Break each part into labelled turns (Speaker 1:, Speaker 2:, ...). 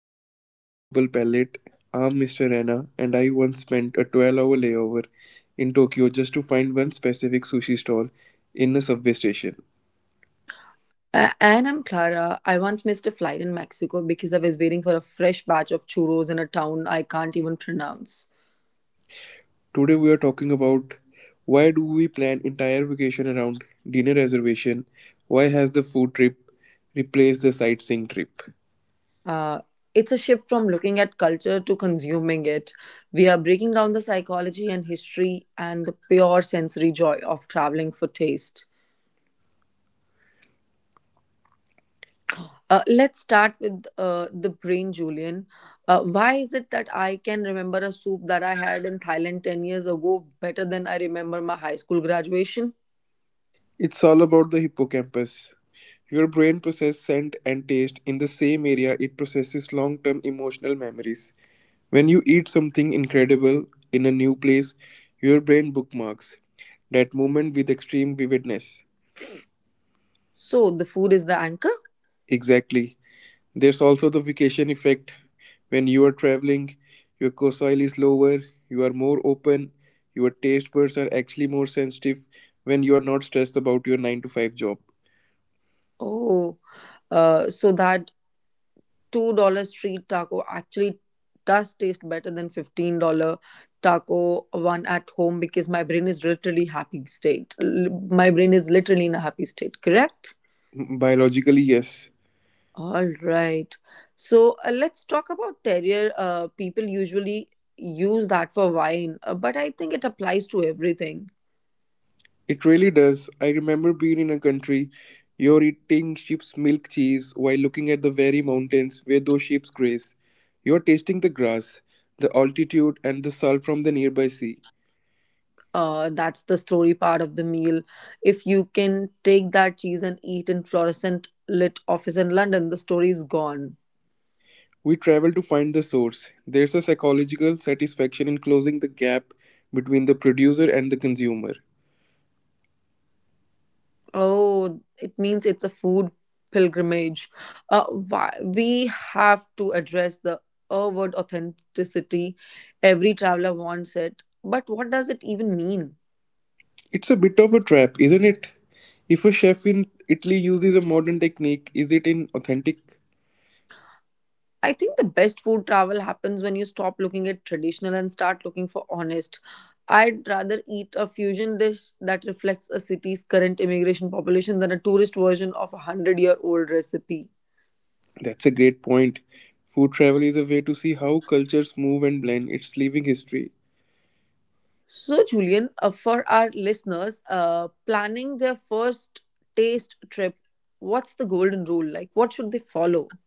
Speaker 1: Welcome to the Global Palette. I'm Mr. Rana, and I once spent a 12-hour layover in Tokyo just to find one specific sushi stall in a subway station.
Speaker 2: And I'm Clara. I once missed a flight in Mexico because I was waiting for a fresh batch of churros in a town I can't even pronounce.
Speaker 1: Today, we are talking about why do we plan entire vacation around dinner reservation? Why has the food trip replaced the sightseeing trip?
Speaker 2: Uh, it's a shift from looking at culture to consuming it. We are breaking down the psychology and history and the pure sensory joy of traveling for taste. Let's start with the brain, Julian. Why is it that I can remember a soup that I had in Thailand 10 years ago better than I remember my high school graduation?
Speaker 1: It's all about the hippocampus. Your brain processes scent and taste in the same area it processes long term emotional memories. When you eat something incredible in a new place, your brain bookmarks that moment with extreme vividness.
Speaker 2: So, the food is the anchor?
Speaker 1: Exactly. There's also the vacation effect. When you are traveling, your docile is lower, you are more open, your taste buds are actually more sensitive when you are not stressed about your 9 to 5 job.
Speaker 2: Oh, so that $2 street taco actually does taste better than $15 taco one at home because my brain is literally happy state. My brain is literally in a happy state, correct?
Speaker 1: Biologically, yes.
Speaker 2: All right. So let's talk about terrier. People usually use that for wine, but I think it applies to everything.
Speaker 1: It really does. I remember being in a country, you're eating sheep's milk cheese while looking at the very mountains where those sheep graze. You're tasting the grass, the altitude, and the salt from the nearby sea.
Speaker 2: That's the story part of the meal. If you can take that cheese and eat in fluorescent lit office in London, the story is gone.
Speaker 1: We travel to find the source. There's a psychological satisfaction in closing the gap between the producer and the consumer.
Speaker 2: Oh, it means it's a food pilgrimage. We have to address the word authenticity. Every traveler wants it, but what does it even mean?
Speaker 1: It's a bit of a trap, isn't it? If a chef in Italy uses a modern technique, is it inauthentic?
Speaker 2: I think the best food travel happens when you stop looking at traditional and start looking for honest. I'd rather eat a fusion dish that reflects a city's current immigration population than a tourist version of a 100-year-old recipe.
Speaker 1: That's a great point. Food travel is a way to see how cultures move and blend. It's living history.
Speaker 2: So, Julian, for our listeners planning their first taste trip, what's the golden rule? Like, what should they follow?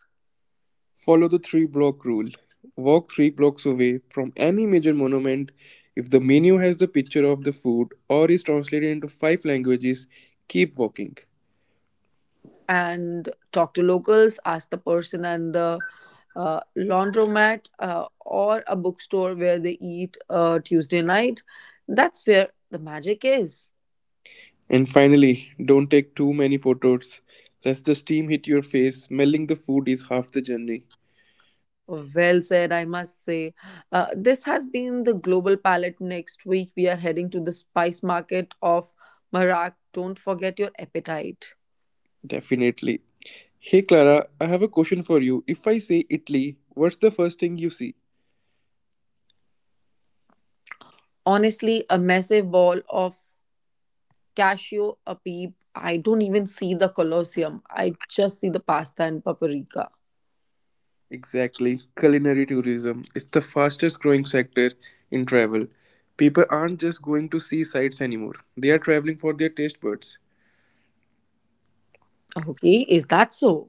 Speaker 1: Follow the three block rule. Walk three blocks away from any major monument. If the menu has the picture of the food or is translated into five languages, keep walking.
Speaker 2: And talk to locals, ask the person and the laundromat or a bookstore where they eat Tuesday night. That's where the magic is.
Speaker 1: And finally, don't take too many photos. Lest the steam hit your face, smelling the food is half the journey.
Speaker 2: Well said, I must say. This has been the Global Palette. Next week, we are heading to the spice market of Marak. Don't forget your appetite.
Speaker 1: Definitely. Hey Clara, I have a question for you. If I say Italy, what's the first thing you see?
Speaker 2: Honestly, a massive ball of cashew, a peep. I don't even see the Colosseum. I just see the pasta and paprika.
Speaker 1: Exactly. Culinary tourism is the fastest growing sector in travel. People aren't just going to see sights anymore, they are traveling for their taste buds.
Speaker 2: Okay, is that so?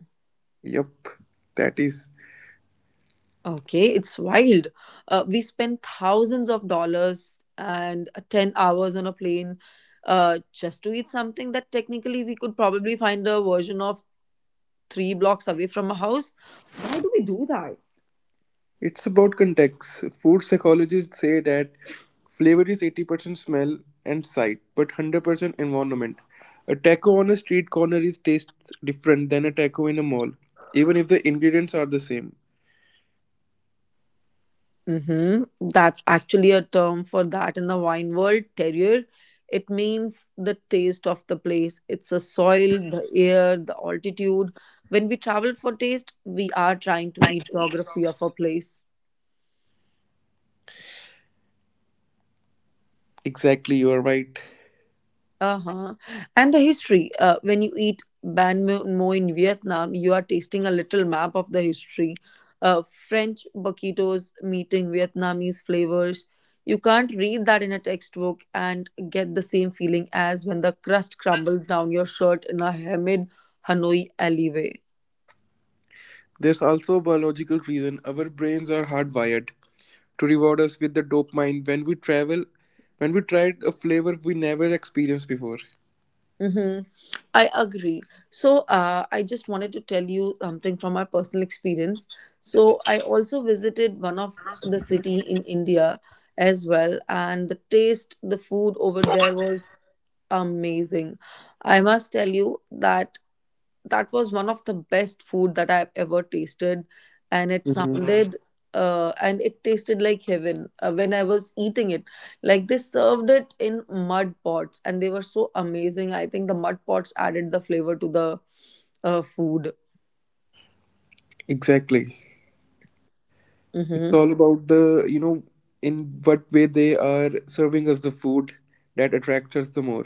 Speaker 1: Yup, that is.
Speaker 2: Okay, it's wild. We spend thousands of dollars and 10 hours on a plane just to eat something that technically we could probably find a version of three blocks away from a house. Why do we do that?
Speaker 1: It's about context. Food psychologists say that flavor is 80% smell and sight, but 100% environment. A taco on a street corner is tastes different than a taco in a mall, even if the ingredients are the same.
Speaker 2: Mm-hmm. That's actually a term for that in the wine world, terrier. It means the taste of the place. It's the soil, the air, the altitude. When we travel for taste, we are trying to eat geography of a place.
Speaker 1: Exactly, you are right.
Speaker 2: Uh-huh. And the history. When you eat banh mi mo in Vietnam, you are tasting a little map of the history. French burritos meeting Vietnamese flavors. You can't read that in a textbook and get the same feeling as when the crust crumbles down your shirt in a humid Hanoi alleyway.
Speaker 1: There's also a biological reason our brains are hardwired to reward us with the dopamine when we travel when we tried a flavor we never experienced before.
Speaker 2: Mm-hmm. I agree. So, I just wanted to tell you something from my personal experience. So, I also visited one of the city in India as well, and the taste, the food over there was amazing. I must tell you that that was one of the best food that I've ever tasted, and it
Speaker 1: Mhm.
Speaker 2: sounded and it tasted like heaven when I was eating it. Like they served it in mud pots, and they were so amazing. I think the mud pots added the flavor to the food.
Speaker 1: Exactly, it's
Speaker 2: Mm-hmm.
Speaker 1: all about the, you know in what way they are serving us the food that attracts us the more.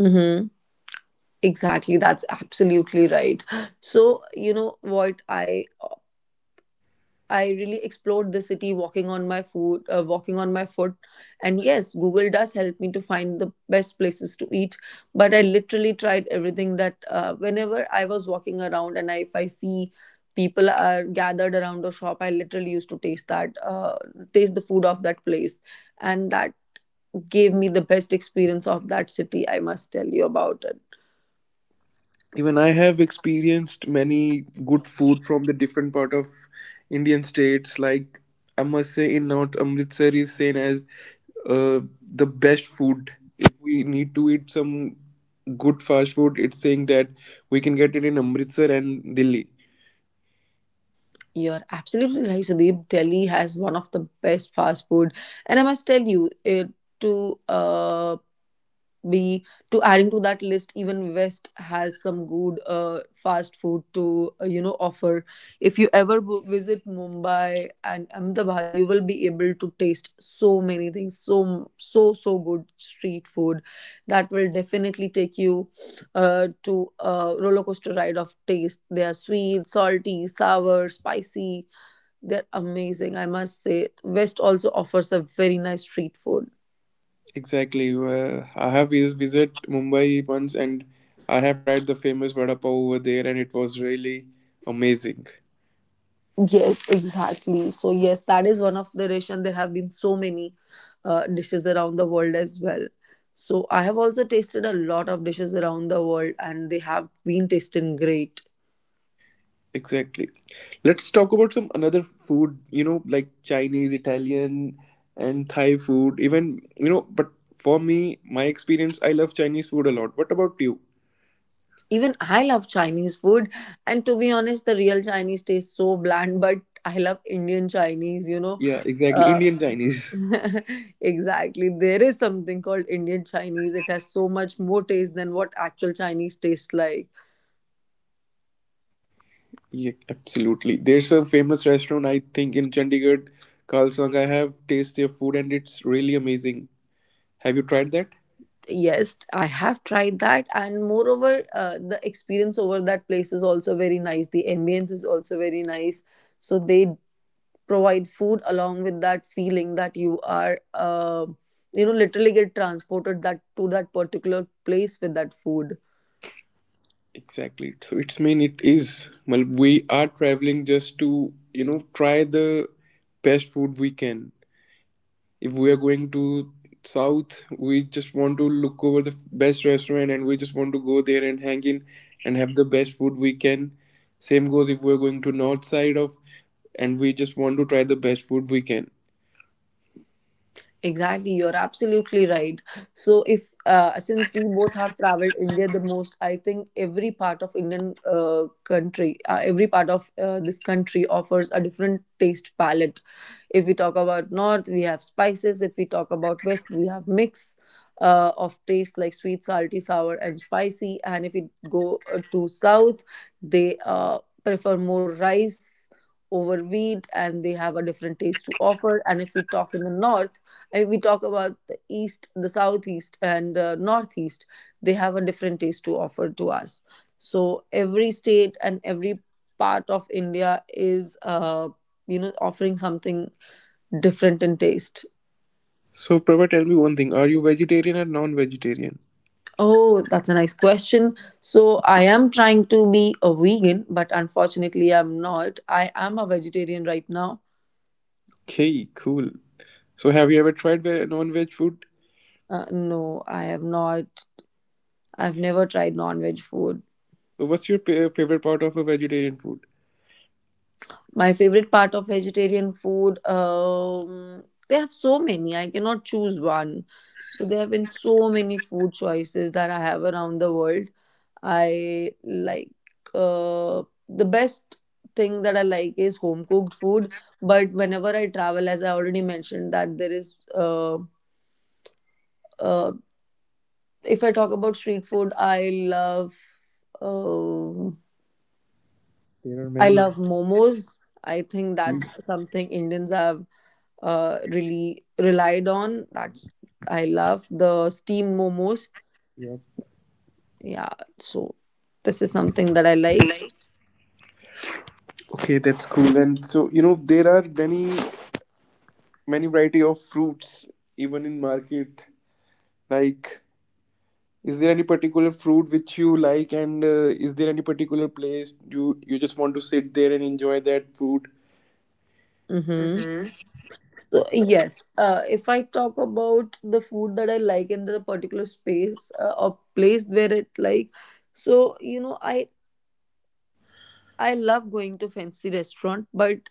Speaker 2: Mm-hmm. Exactly, that's absolutely right. So, you know what I really explored the city walking on my foot, And yes, Google does help me to find the best places to eat. But I literally tried everything that whenever I was walking around and I, if I see people are gathered around a shop, I literally used to taste that, taste the food of that place. And that gave me the best experience of that city, I must tell you about it.
Speaker 1: Even I have experienced many good food from the different part of Indian states, like I must say in north, Amritsar is seen as uh, the best food. If we need to eat some good fast food, it's saying that we can get it in Amritsar and Delhi.
Speaker 2: You're absolutely right, Sudeep. Delhi has one of the best fast food, and I must tell you, it, to be to adding to that list, even West has some good fast food to uh, offer. If you ever visit Mumbai and Ahmedabad, you will be able to taste so many things, so so good street food that will definitely take you to a roller coaster ride of taste. They are sweet, salty, sour, spicy they're amazing, I must say. West also offers a very nice street food.
Speaker 1: Exactly. I have visit Mumbai once and I have tried the famous vada pav over there and it was really amazing.
Speaker 2: Yes, exactly. So yes, that is one of the dish, and there have been so many dishes around the world as well. So I have also tasted a lot of dishes around the world, and they have been tasting great.
Speaker 1: Exactly. Let's talk about some another food, you know, like Chinese, Italian and Thai food. Even, you know, but for me, my experience, I love Chinese food a lot. What about you?
Speaker 2: Even I love Chinese food, and to be honest, the real Chinese tastes so bland, but I love Indian Chinese, you know.
Speaker 1: Yeah, exactly.
Speaker 2: Uh,
Speaker 1: Indian Chinese.
Speaker 2: exactly. There is something called Indian Chinese. It has so much more taste than what actual Chinese tastes like.
Speaker 1: Yeah, absolutely. There's a famous restaurant, I think, in Chandigarh, Kalsang. I have tasted their food and it's really amazing. Have you tried that?
Speaker 2: Yes, I have tried that, and moreover, the experience over that place is also very nice. The ambience is also very nice. So they provide food along with that feeling that you are literally get transported that to that particular place with that food
Speaker 1: Exactly. So it's mean it is. Well, we are traveling just to, you know, try the best food we can. If we are going to South, we just want to look over the best restaurant and we just want to go there and hang in and have the best food we can. Same goes if we're going to North side of and we just want to try the best food we can.
Speaker 2: exactly you're absolutely right so if since we both have traveled India the most I think every part of Indian uh, country every part of this country offers a different taste palette. If we talk about north, we have spices. If we talk about west, we have mix of taste like sweet, salty, sour, and spicy. And if we go to south, they prefer more rice over wheat and they have a different taste to offer. And if we talk in the north, if we talk about the east, the southeast and northeast, they have a different taste to offer to us. So every state and every part of India is uh, offering something different in taste?
Speaker 1: So, Prabha, tell me one thing. Are you vegetarian or non-vegetarian?
Speaker 2: Oh, that's a nice question. So, I am trying to be a vegan, but unfortunately, I'm not. I am a vegetarian right now.
Speaker 1: Okay, cool. So, have you ever tried non-veg food?
Speaker 2: No, I have not. I've never tried non veg food.
Speaker 1: So, what's your favorite part of a vegetarian food?
Speaker 2: My favorite part of vegetarian food, they have so many. I cannot choose one. So, there have been so many food choices that I have around the world. I like the best thing that I like is home cooked food. But whenever I travel, as I already mentioned, that there is uh, if I talk about street food, um
Speaker 1: There are
Speaker 2: I
Speaker 1: many.
Speaker 2: love momos. I think
Speaker 1: Mm.
Speaker 2: that's something Indians have really relied on. That's I love the steamed momos.
Speaker 1: Yeah.
Speaker 2: Yeah, so this is something that I like.
Speaker 1: Okay, that's cool. And so, you know, there are many, many variety of fruits even in market. Like, is there any particular fruit which you like, and is there any particular place you just want to sit there and enjoy that food?
Speaker 2: Mm-hmm. So yes, if I talk about the food that I like in the particular space or place where it like, so you know I love going to fancy restaurant, but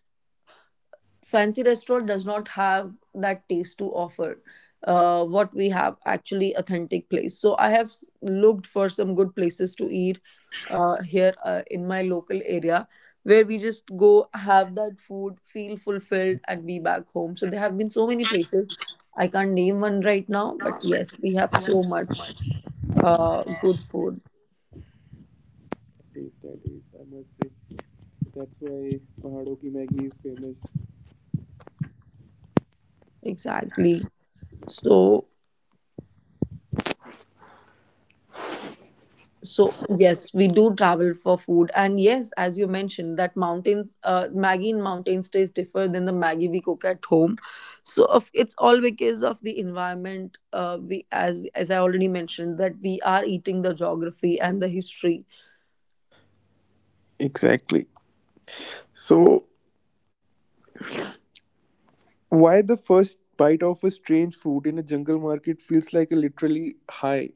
Speaker 2: fancy restaurant does not have that taste to offer what we have actually authentic place. So I have looked for some good places to eat here in my local area where we just go have that food, feel fulfilled and be back home. So there have been so many places, I can't name one right now but yes we have so much good food
Speaker 1: Taste that, is, I must say, that's why Pahadon ki Maggi is famous.
Speaker 2: exactly so. So yes, we do travel for food, and yes, as you mentioned, that mountains, Maggie in mountains tastes different than the Maggie we cook at home. So of, it's all because of the environment. We as I already mentioned that we are eating the geography and the history.
Speaker 1: Exactly. So, why the first bite of a strange food in a jungle market feels like a literally high?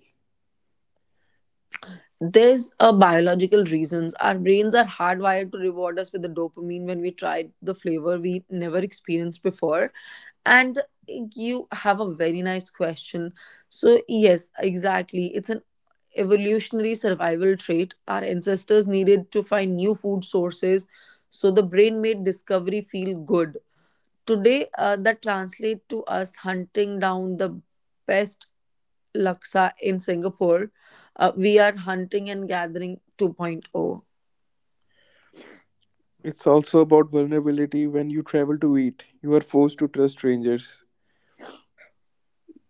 Speaker 2: There's a biological reasons. Our brains are hardwired to reward us with the dopamine when we try the flavor we never experienced before. And you have a very nice question. So yes, exactly. It's an evolutionary survival trait. Our ancestors needed to find new food sources, so the brain made discovery feel good. Today, that translates to us hunting down the best laksa in Singapore. We are hunting and gathering 2.0.
Speaker 1: It's also about vulnerability when you travel to eat. You are forced to trust strangers.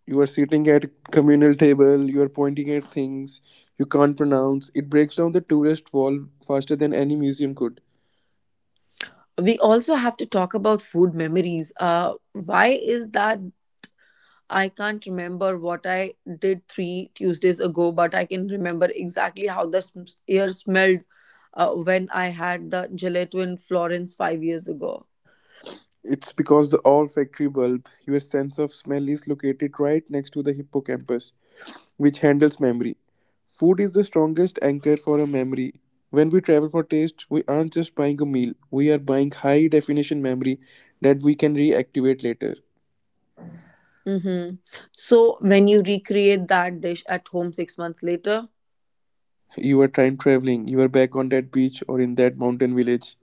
Speaker 1: You are sitting at a communal table, you are pointing at things you can't pronounce. It breaks down the tourist wall faster than any museum could.
Speaker 2: We also have to talk about food memories. Why is that I can't remember what I did 3 Tuesdays ago, but I can remember exactly how the air smelled when I had the gelato in Florence 5 years ago.
Speaker 1: It's because the olfactory bulb, your sense of smell, is located right next to the hippocampus, which handles memory. Food is the strongest anchor for a memory. When we travel for taste, we aren't just buying a meal, we are buying high definition memory that we can reactivate later.
Speaker 2: Mm-hmm. So when you recreate that dish at home 6 months later,
Speaker 1: You are time traveling, you are back on that beach or in that mountain village.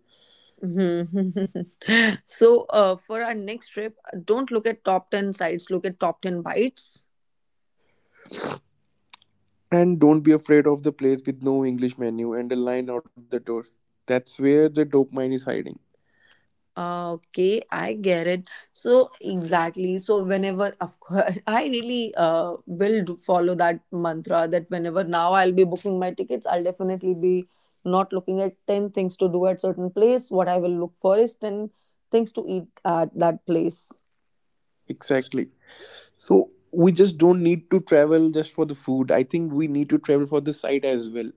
Speaker 2: mhm. So for our next trip, don't look at top 10 sides, look at top 10 bites.
Speaker 1: And don't be afraid of the place with no English menu and a line out the door. That's where the dopamine is hiding.
Speaker 2: Okay, I get it. So exactly. So whenever, of course, I really will do follow that mantra that whenever now I'll be booking my tickets, I'll definitely be not looking at 10 things to do at certain place. What I will look for is 10 things to eat at that place.
Speaker 1: Exactly. So we just don't need to travel just for the food. I think we need to travel for the sight as well.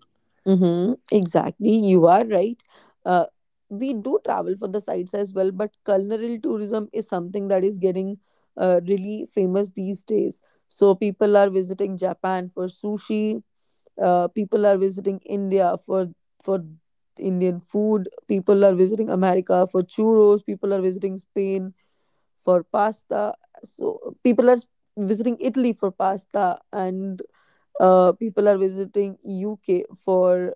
Speaker 2: Mm-hmm, exactly, you are right. Uh, we do travel for the sites as well, but culinary tourism is something that is getting really famous these days. So people are visiting Japan for sushi. People are visiting India for Indian food. People are visiting America for churros. People are visiting Spain for pasta. So people are visiting Italy for pasta and people are visiting UK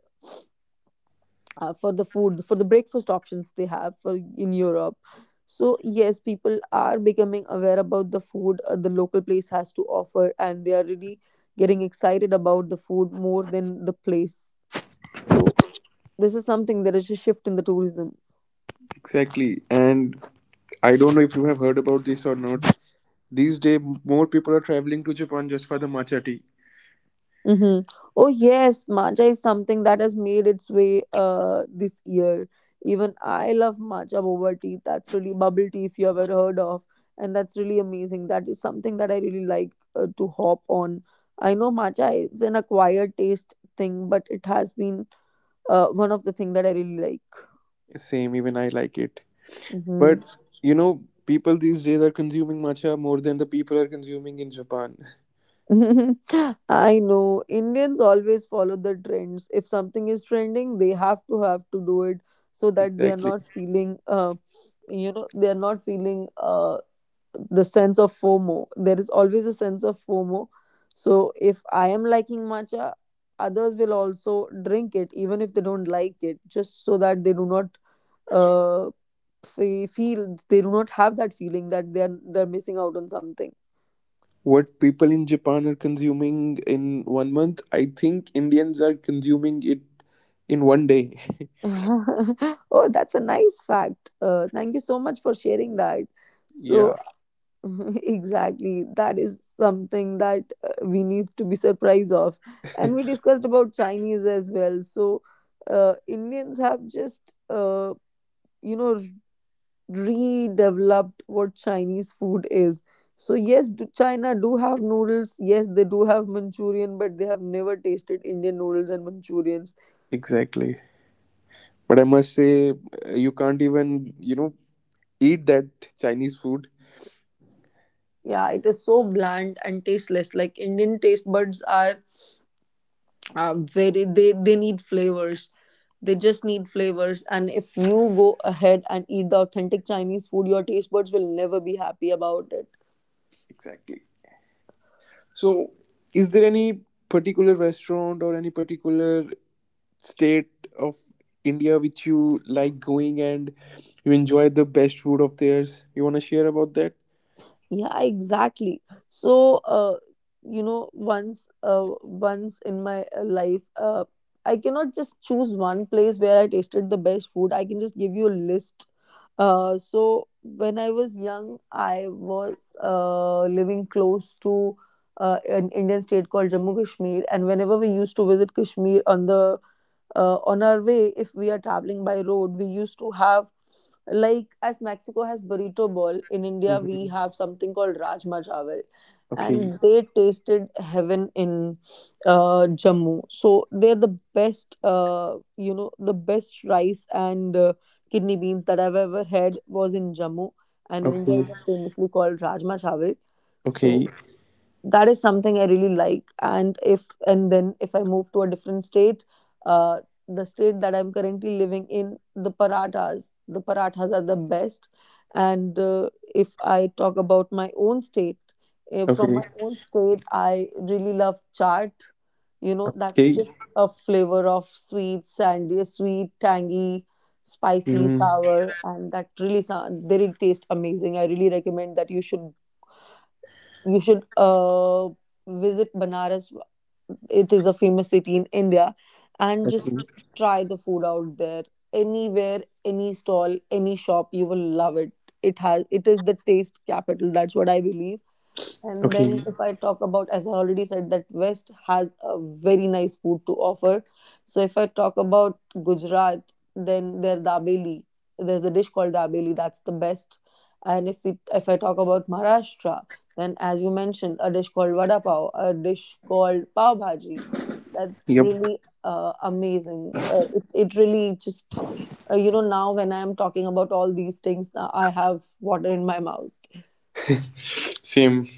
Speaker 2: for the food for the breakfast options they have for in europe. So yes, people are becoming aware about the food, the local place has to offer, and they are really getting excited about the food more than the place. So this is something, there is a shift in the tourism.
Speaker 1: Exactly. And I don't know if you have heard about this or not. These days, more people are traveling to Japan just for the matcha tea.
Speaker 2: Mm-hmm. Oh yes, matcha is something that has made its way this year. Even I love matcha boba tea. That's really bubble tea if you ever heard of, and that's really amazing. That is something that I really like to hop on. I know matcha is an acquired taste thing, but it has been one of the thing that I really like.
Speaker 1: Same, even I like it. But
Speaker 2: Mm-hmm.
Speaker 1: you know, people these days are consuming matcha more than the people are consuming in Japan.
Speaker 2: I know Indians always follow the trends. If something is trending, they have to do it so that they are
Speaker 1: Exactly.
Speaker 2: not feeling, they are not feeling the sense of FOMO. There is always a sense of FOMO. So if I am liking matcha, others will also drink it, even if they don't like it, just so that they do not uh, feel, they do not have that feeling that they are they're missing out on something.
Speaker 1: What people in Japan are consuming in one month, I think Indians are consuming it in one day.
Speaker 2: Oh, that's a nice fact. Thank you so much for sharing that.
Speaker 1: Yeah.
Speaker 2: So, exactly, that is something that we need to be surprised of. And we discussed about Chinese as well. Indians have just, you know, redeveloped what Chinese food is. So yes, do China do have noodles. Yes, they do have Manchurian, but they have never tasted Indian noodles and Manchurians.
Speaker 1: Exactly. But I must say, you can't even, you know, eat that Chinese food.
Speaker 2: Yeah, it is so bland and tasteless. Like Indian taste buds are very, they need flavors. They just need flavors. And if you go ahead and eat the authentic Chinese food, your taste buds will never be happy about it.
Speaker 1: Exactly. So, is there any particular restaurant or any particular state of India which you like going and you enjoy the best food of theirs? You want to share about that?
Speaker 2: Yeah, exactly. So, uh, once in my life, I cannot just choose one place where I tasted the best food. I can just give you a list. So when I was young, I was living close to an Indian state called Jammu Kashmir, and whenever we used to visit Kashmir on the on our way, if we are traveling by road, we used to have, like, as mexico has burrito ball, in india we
Speaker 1: Hmm.
Speaker 2: have something called rajma chawal.
Speaker 1: Okay.
Speaker 2: And they tasted heaven in jammu. So they're the best, the best rice and kidney beans that I've ever had was in jammu, and in india
Speaker 1: Okay,
Speaker 2: it is famously called rajma chawal. So
Speaker 1: okay,
Speaker 2: that is something I really like. And if and then if I move to a different state, uh, the state that I'm currently living in, the parathas are the best. And if I talk about my own state, from
Speaker 1: okay,
Speaker 2: my own state I really love chaat. You know, that's
Speaker 1: okay.
Speaker 2: just a flavor of sweet tangy spicy
Speaker 1: Mm,
Speaker 2: sour, and that really sound they really taste amazing. I really recommend that you should visit Banaras. It is a famous city in India, and
Speaker 1: okay,
Speaker 2: just try the food out there. Anywhere, any stall, any shop, you will love it. It has. It is the taste capital. That's what I believe. And then
Speaker 1: okay.
Speaker 2: if I talk about, as I already said, that West has a very nice food to offer. So if I talk about Gujarat, then their dabeli. There's a dish called dabeli. That's the best. And if I talk about Maharashtra, then as you mentioned, a dish called vada pav, a dish called pav bhaji. That's
Speaker 1: Yep,
Speaker 2: really amazing. It really just, now when I am talking about all these things, now I have water in my mouth.
Speaker 1: same.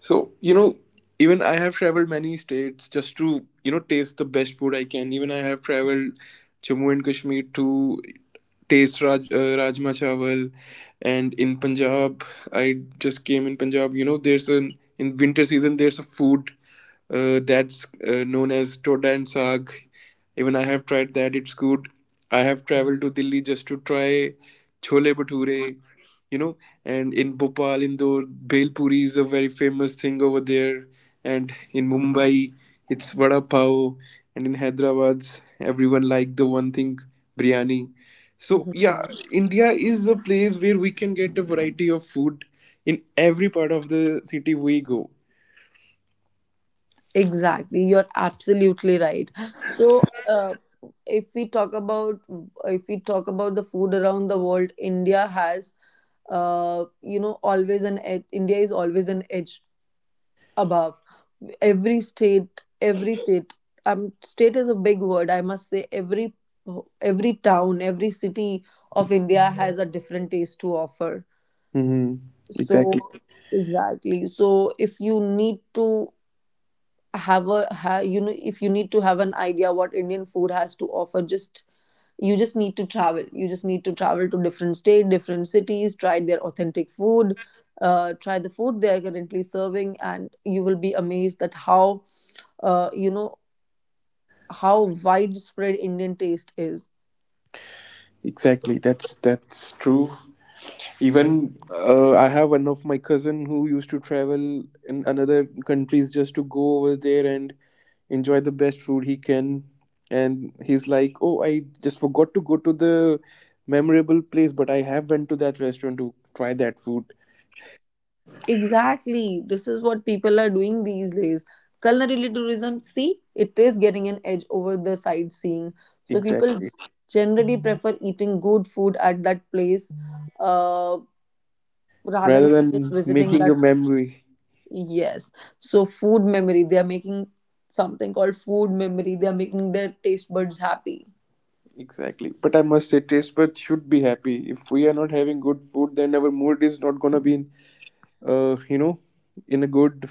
Speaker 1: So, you know, even I have traveled many states just to, you know, taste the best food I can. Even I have traveled Jammu and Kashmir to taste Rajma Chawal. And in Punjab, I just came in Punjab, you know, there's an, in winter season, there's a food that's known as Toda and Saag. Even I have tried that, it's good. I have traveled to Delhi just to try Chole Bhature, you know, and in Bhopal, Indore, Bhel Puri is a very famous thing over there, and in Mumbai, it's Vada Pav, and in Hyderabad, everyone like the one thing, biryani. So,
Speaker 2: Mhm.
Speaker 1: yeah, India is a place where we can get a variety of food in every part of the city we go.
Speaker 2: Exactly, you're absolutely right. So, if we talk about if we talk about the food around the world, India has, always an edge. India is always an edge above every state. Every state, state is a big word. I must say, every town, every city of India has a different taste to offer.
Speaker 1: Mm-hmm.
Speaker 2: So,
Speaker 1: Exactly.
Speaker 2: exactly. So, if you need to have a have, you know if you need to have an idea what indian food has to offer, just you just need to travel, to different state, different cities, try their authentic food, try the food they are currently serving, and you will be amazed at how uh, you know how widespread indian taste is.
Speaker 1: Exactly, that's true. Even I have one of my cousin who used to travel in another countries just to go over there and enjoy the best food he can. And he's like, "Oh, I just forgot to go to the memorable place, but I have went to that restaurant to try that food."
Speaker 2: Exactly. This is what people are doing these days. Culinary tourism, see, it is getting an edge over the sightseeing. So
Speaker 1: Exactly.
Speaker 2: generally prefer eating good food at that place, uh, rather
Speaker 1: Rather
Speaker 2: than just
Speaker 1: than
Speaker 2: visiting
Speaker 1: making
Speaker 2: that.
Speaker 1: a memory.
Speaker 2: Yes. So food memory, they are making something called food memory. They are making their taste buds happy.
Speaker 1: Exactly. But I must say, taste buds should be happy. If we are not having good food, then our mood is not gonna be in, you know, in a good,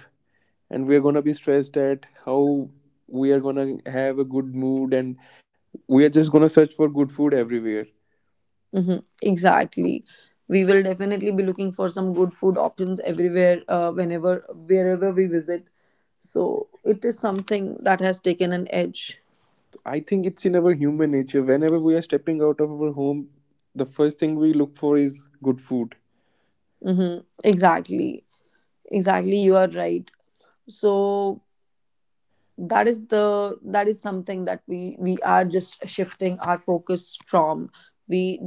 Speaker 1: and we are going to be stressed at how we are going to have a good mood and we are just going to search for good food everywhere.
Speaker 2: Hmm, exactly. We will definitely be looking for some good food options everywhere, whenever, wherever we visit. So it is something that has taken an edge.
Speaker 1: I think it's in our human nature, whenever we are stepping out of our home the first thing we look for is good food.
Speaker 2: Mm-hmm. Exactly. Exactly. You are right. So that is something that we are just shifting our focus from. we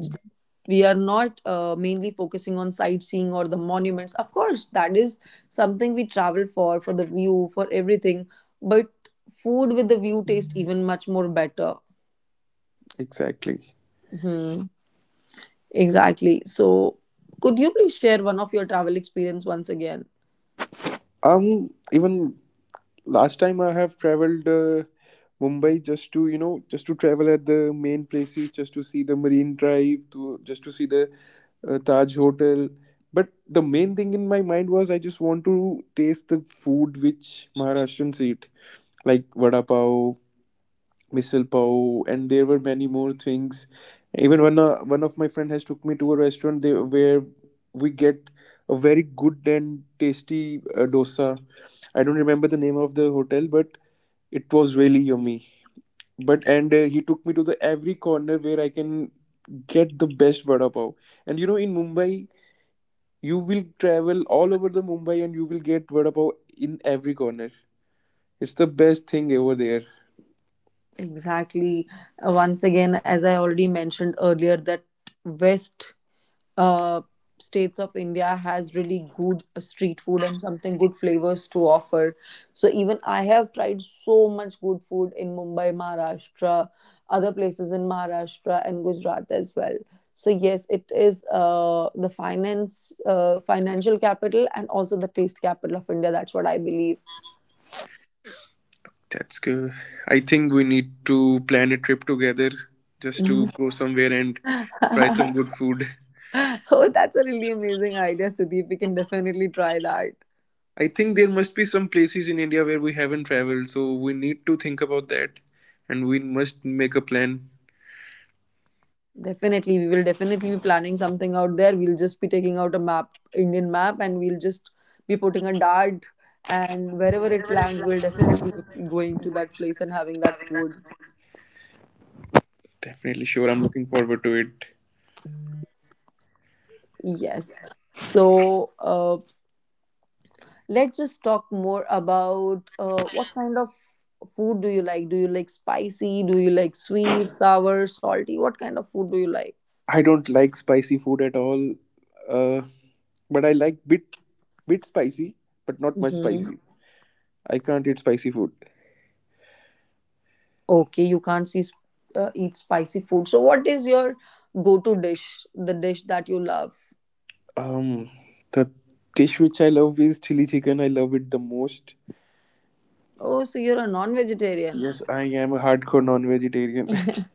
Speaker 2: we are not mainly focusing on sightseeing or the monuments. Of course, that is something we travel for the view, for everything. But food with the view tastes even much more better.
Speaker 1: Exactly.
Speaker 2: Hmm, exactly. So could you please share one of your travel experience once again?
Speaker 1: Um, even last time I have traveled Mumbai, just to, you know, just to travel at the main places, just to see the Marine Drive, to just to see the Taj Hotel. But the main thing in my mind was I just want to taste the food which Maharashtrians eat, like vada pav, misal pav, and there were many more things. Even one of my friend has took me to a restaurant there where we get a very good and tasty dosa. I don't remember the name of the hotel, but it was really yummy. But and he took me to the every corner where I can get the best vada pav. And you know, in Mumbai, you will travel all over the Mumbai and you will get vada pav in every corner. It's the best thing over there.
Speaker 2: Exactly. Once again, as I already mentioned earlier, that west uh, states of India has really good street food and something good flavors to offer. So even I have tried so much good food in Mumbai, Maharashtra, other places in Maharashtra and Gujarat as well. So yes, it is the financial capital, and also the taste capital of India. That's what I believe.
Speaker 1: That's good. I think we need to plan a trip together just to
Speaker 2: Mhm.
Speaker 1: go somewhere and try some good food.
Speaker 2: Oh, that's a really amazing idea, Sudeep. We can definitely try that.
Speaker 1: I think there must be some places in India where we haven't traveled, so we need to think about that and we must make a plan.
Speaker 2: Definitely, we will definitely be planning something out there. We'll just be taking out a map, Indian map, and we'll just be putting a dart. And wherever it lands, we'll definitely be going to that place and having that food.
Speaker 1: Definitely sure. I'm looking forward to it.
Speaker 2: Yes. So uh, let's just talk more about what kind of food do you like? Do you like spicy? Do you like sweet, sour, salty? What kind of food do you like?
Speaker 1: I don't like spicy food at all, uh, but I like bit spicy, but not much
Speaker 2: Mm-hmm.
Speaker 1: spicy. I can't eat spicy food.
Speaker 2: Okay, you can't see, eat spicy food. So, what is your go to dish? The dish that you love?
Speaker 1: Um, the dish which I love is chili chicken. I love it the most.
Speaker 2: Oh, so you're a non vegetarian.
Speaker 1: Yes, I am a hardcore non-vegetarian.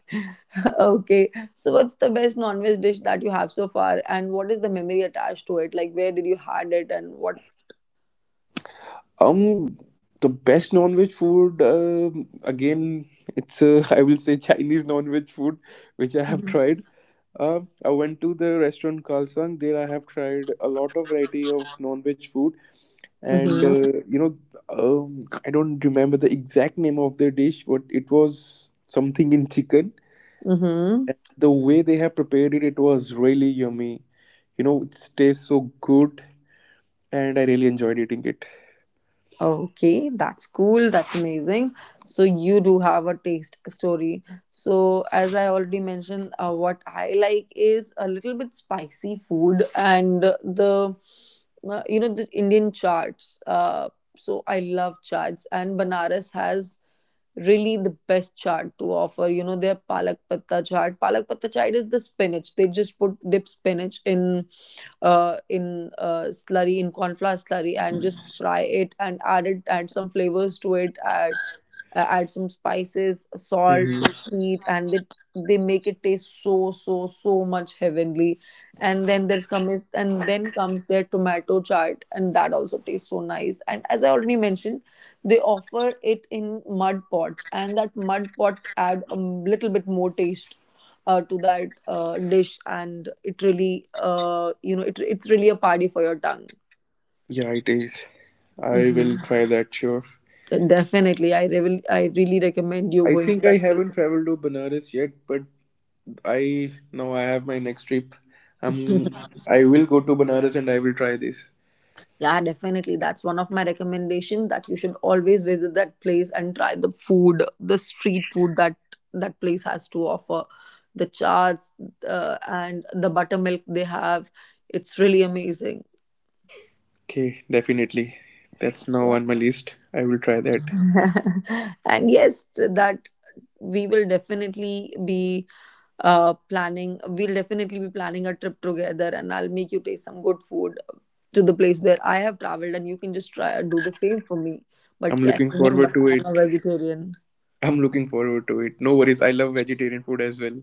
Speaker 2: Okay. So, what's the best non veg dish that you have so far? And what is the memory attached to it? Like, where did you had it and what?
Speaker 1: Um, the best non-veg food, again, it's I will say Chinese non-veg food, which I have tried. I went to the restaurant Kalsang. There, I have tried a lot of variety of non-veg food, and
Speaker 2: Mm-hmm.
Speaker 1: you know, I don't remember the exact name of the dish, but it was something in chicken.
Speaker 2: Mm-hmm.
Speaker 1: And the way they have prepared it, it was really yummy. You know, it tastes so good, and I really enjoyed eating it.
Speaker 2: Okay, that's cool. That's amazing. So you do have a taste story. So as I already mentioned, what I like is a little bit spicy food and the, the Indian charts. So I love charts, and Banaras has really the best chaat to offer. You know, their palak patta chaat. Palak patta chaat is the spinach. They just put dip spinach in slurry, in cornflour slurry, and just fry it and add it, add some flavors to it, add add some spices, salt,
Speaker 1: Hmm.
Speaker 2: sweet, and they make it taste so so so much heavenly. And then comes their tomato chart, and that also tastes so nice. And as I already mentioned, they offer it in mud pots, and that mud pot add a little bit more taste to that dish, and it really, it's really a party for your tongue.
Speaker 1: Yeah, it is. I will
Speaker 2: Mhm.
Speaker 1: try that, sure.
Speaker 2: Definitely, I really recommend you
Speaker 1: I
Speaker 2: going to
Speaker 1: think
Speaker 2: that
Speaker 1: I haven't traveled to Banaras yet, but I now I have my next trip.
Speaker 2: place.
Speaker 1: Um, I will go to Banaras and I will try this.
Speaker 2: Yeah, definitely, that's one of my recommendations that you should always visit that place and try the food, the street food that that place has to offer, the charts and the buttermilk they have. It's really amazing.
Speaker 1: Okay, definitely. That's now
Speaker 2: Yeah.
Speaker 1: on my list. I will try that.
Speaker 2: And yes, that we will definitely be planning a trip together, and I'll make you taste some good food to the place where I have traveled, and you can just try do the same for me. But
Speaker 1: I'm
Speaker 2: yes,
Speaker 1: looking
Speaker 2: remember
Speaker 1: forward to it.
Speaker 2: I'm a vegetarian.
Speaker 1: I'm looking forward to it. No worries. I love vegetarian food as well.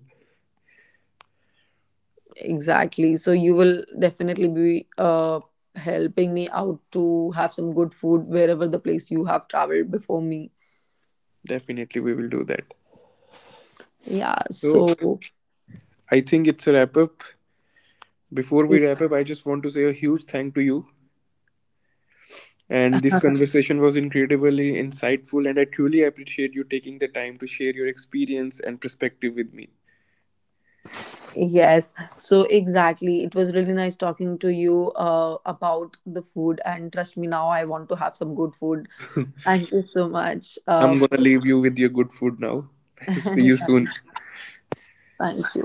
Speaker 2: Exactly. So you will definitely be helping me out to have some good food wherever the place you have traveled before me.
Speaker 1: Definitely, we will do that.
Speaker 2: Yeah,
Speaker 1: So
Speaker 2: so
Speaker 1: I think it's a wrap up. Before we wrap up, I just want to say a huge thank to you. And this conversation was incredibly insightful, and I truly appreciate you taking the time to share your experience and perspective with me.
Speaker 2: yes, so exactly. It was really nice talking to you about the food, and trust me, now I want to have some good food. Thank you so much
Speaker 1: I'm gonna
Speaker 2: for
Speaker 1: leave you with your good food now. See you
Speaker 2: thank,
Speaker 1: soon.
Speaker 2: thank you.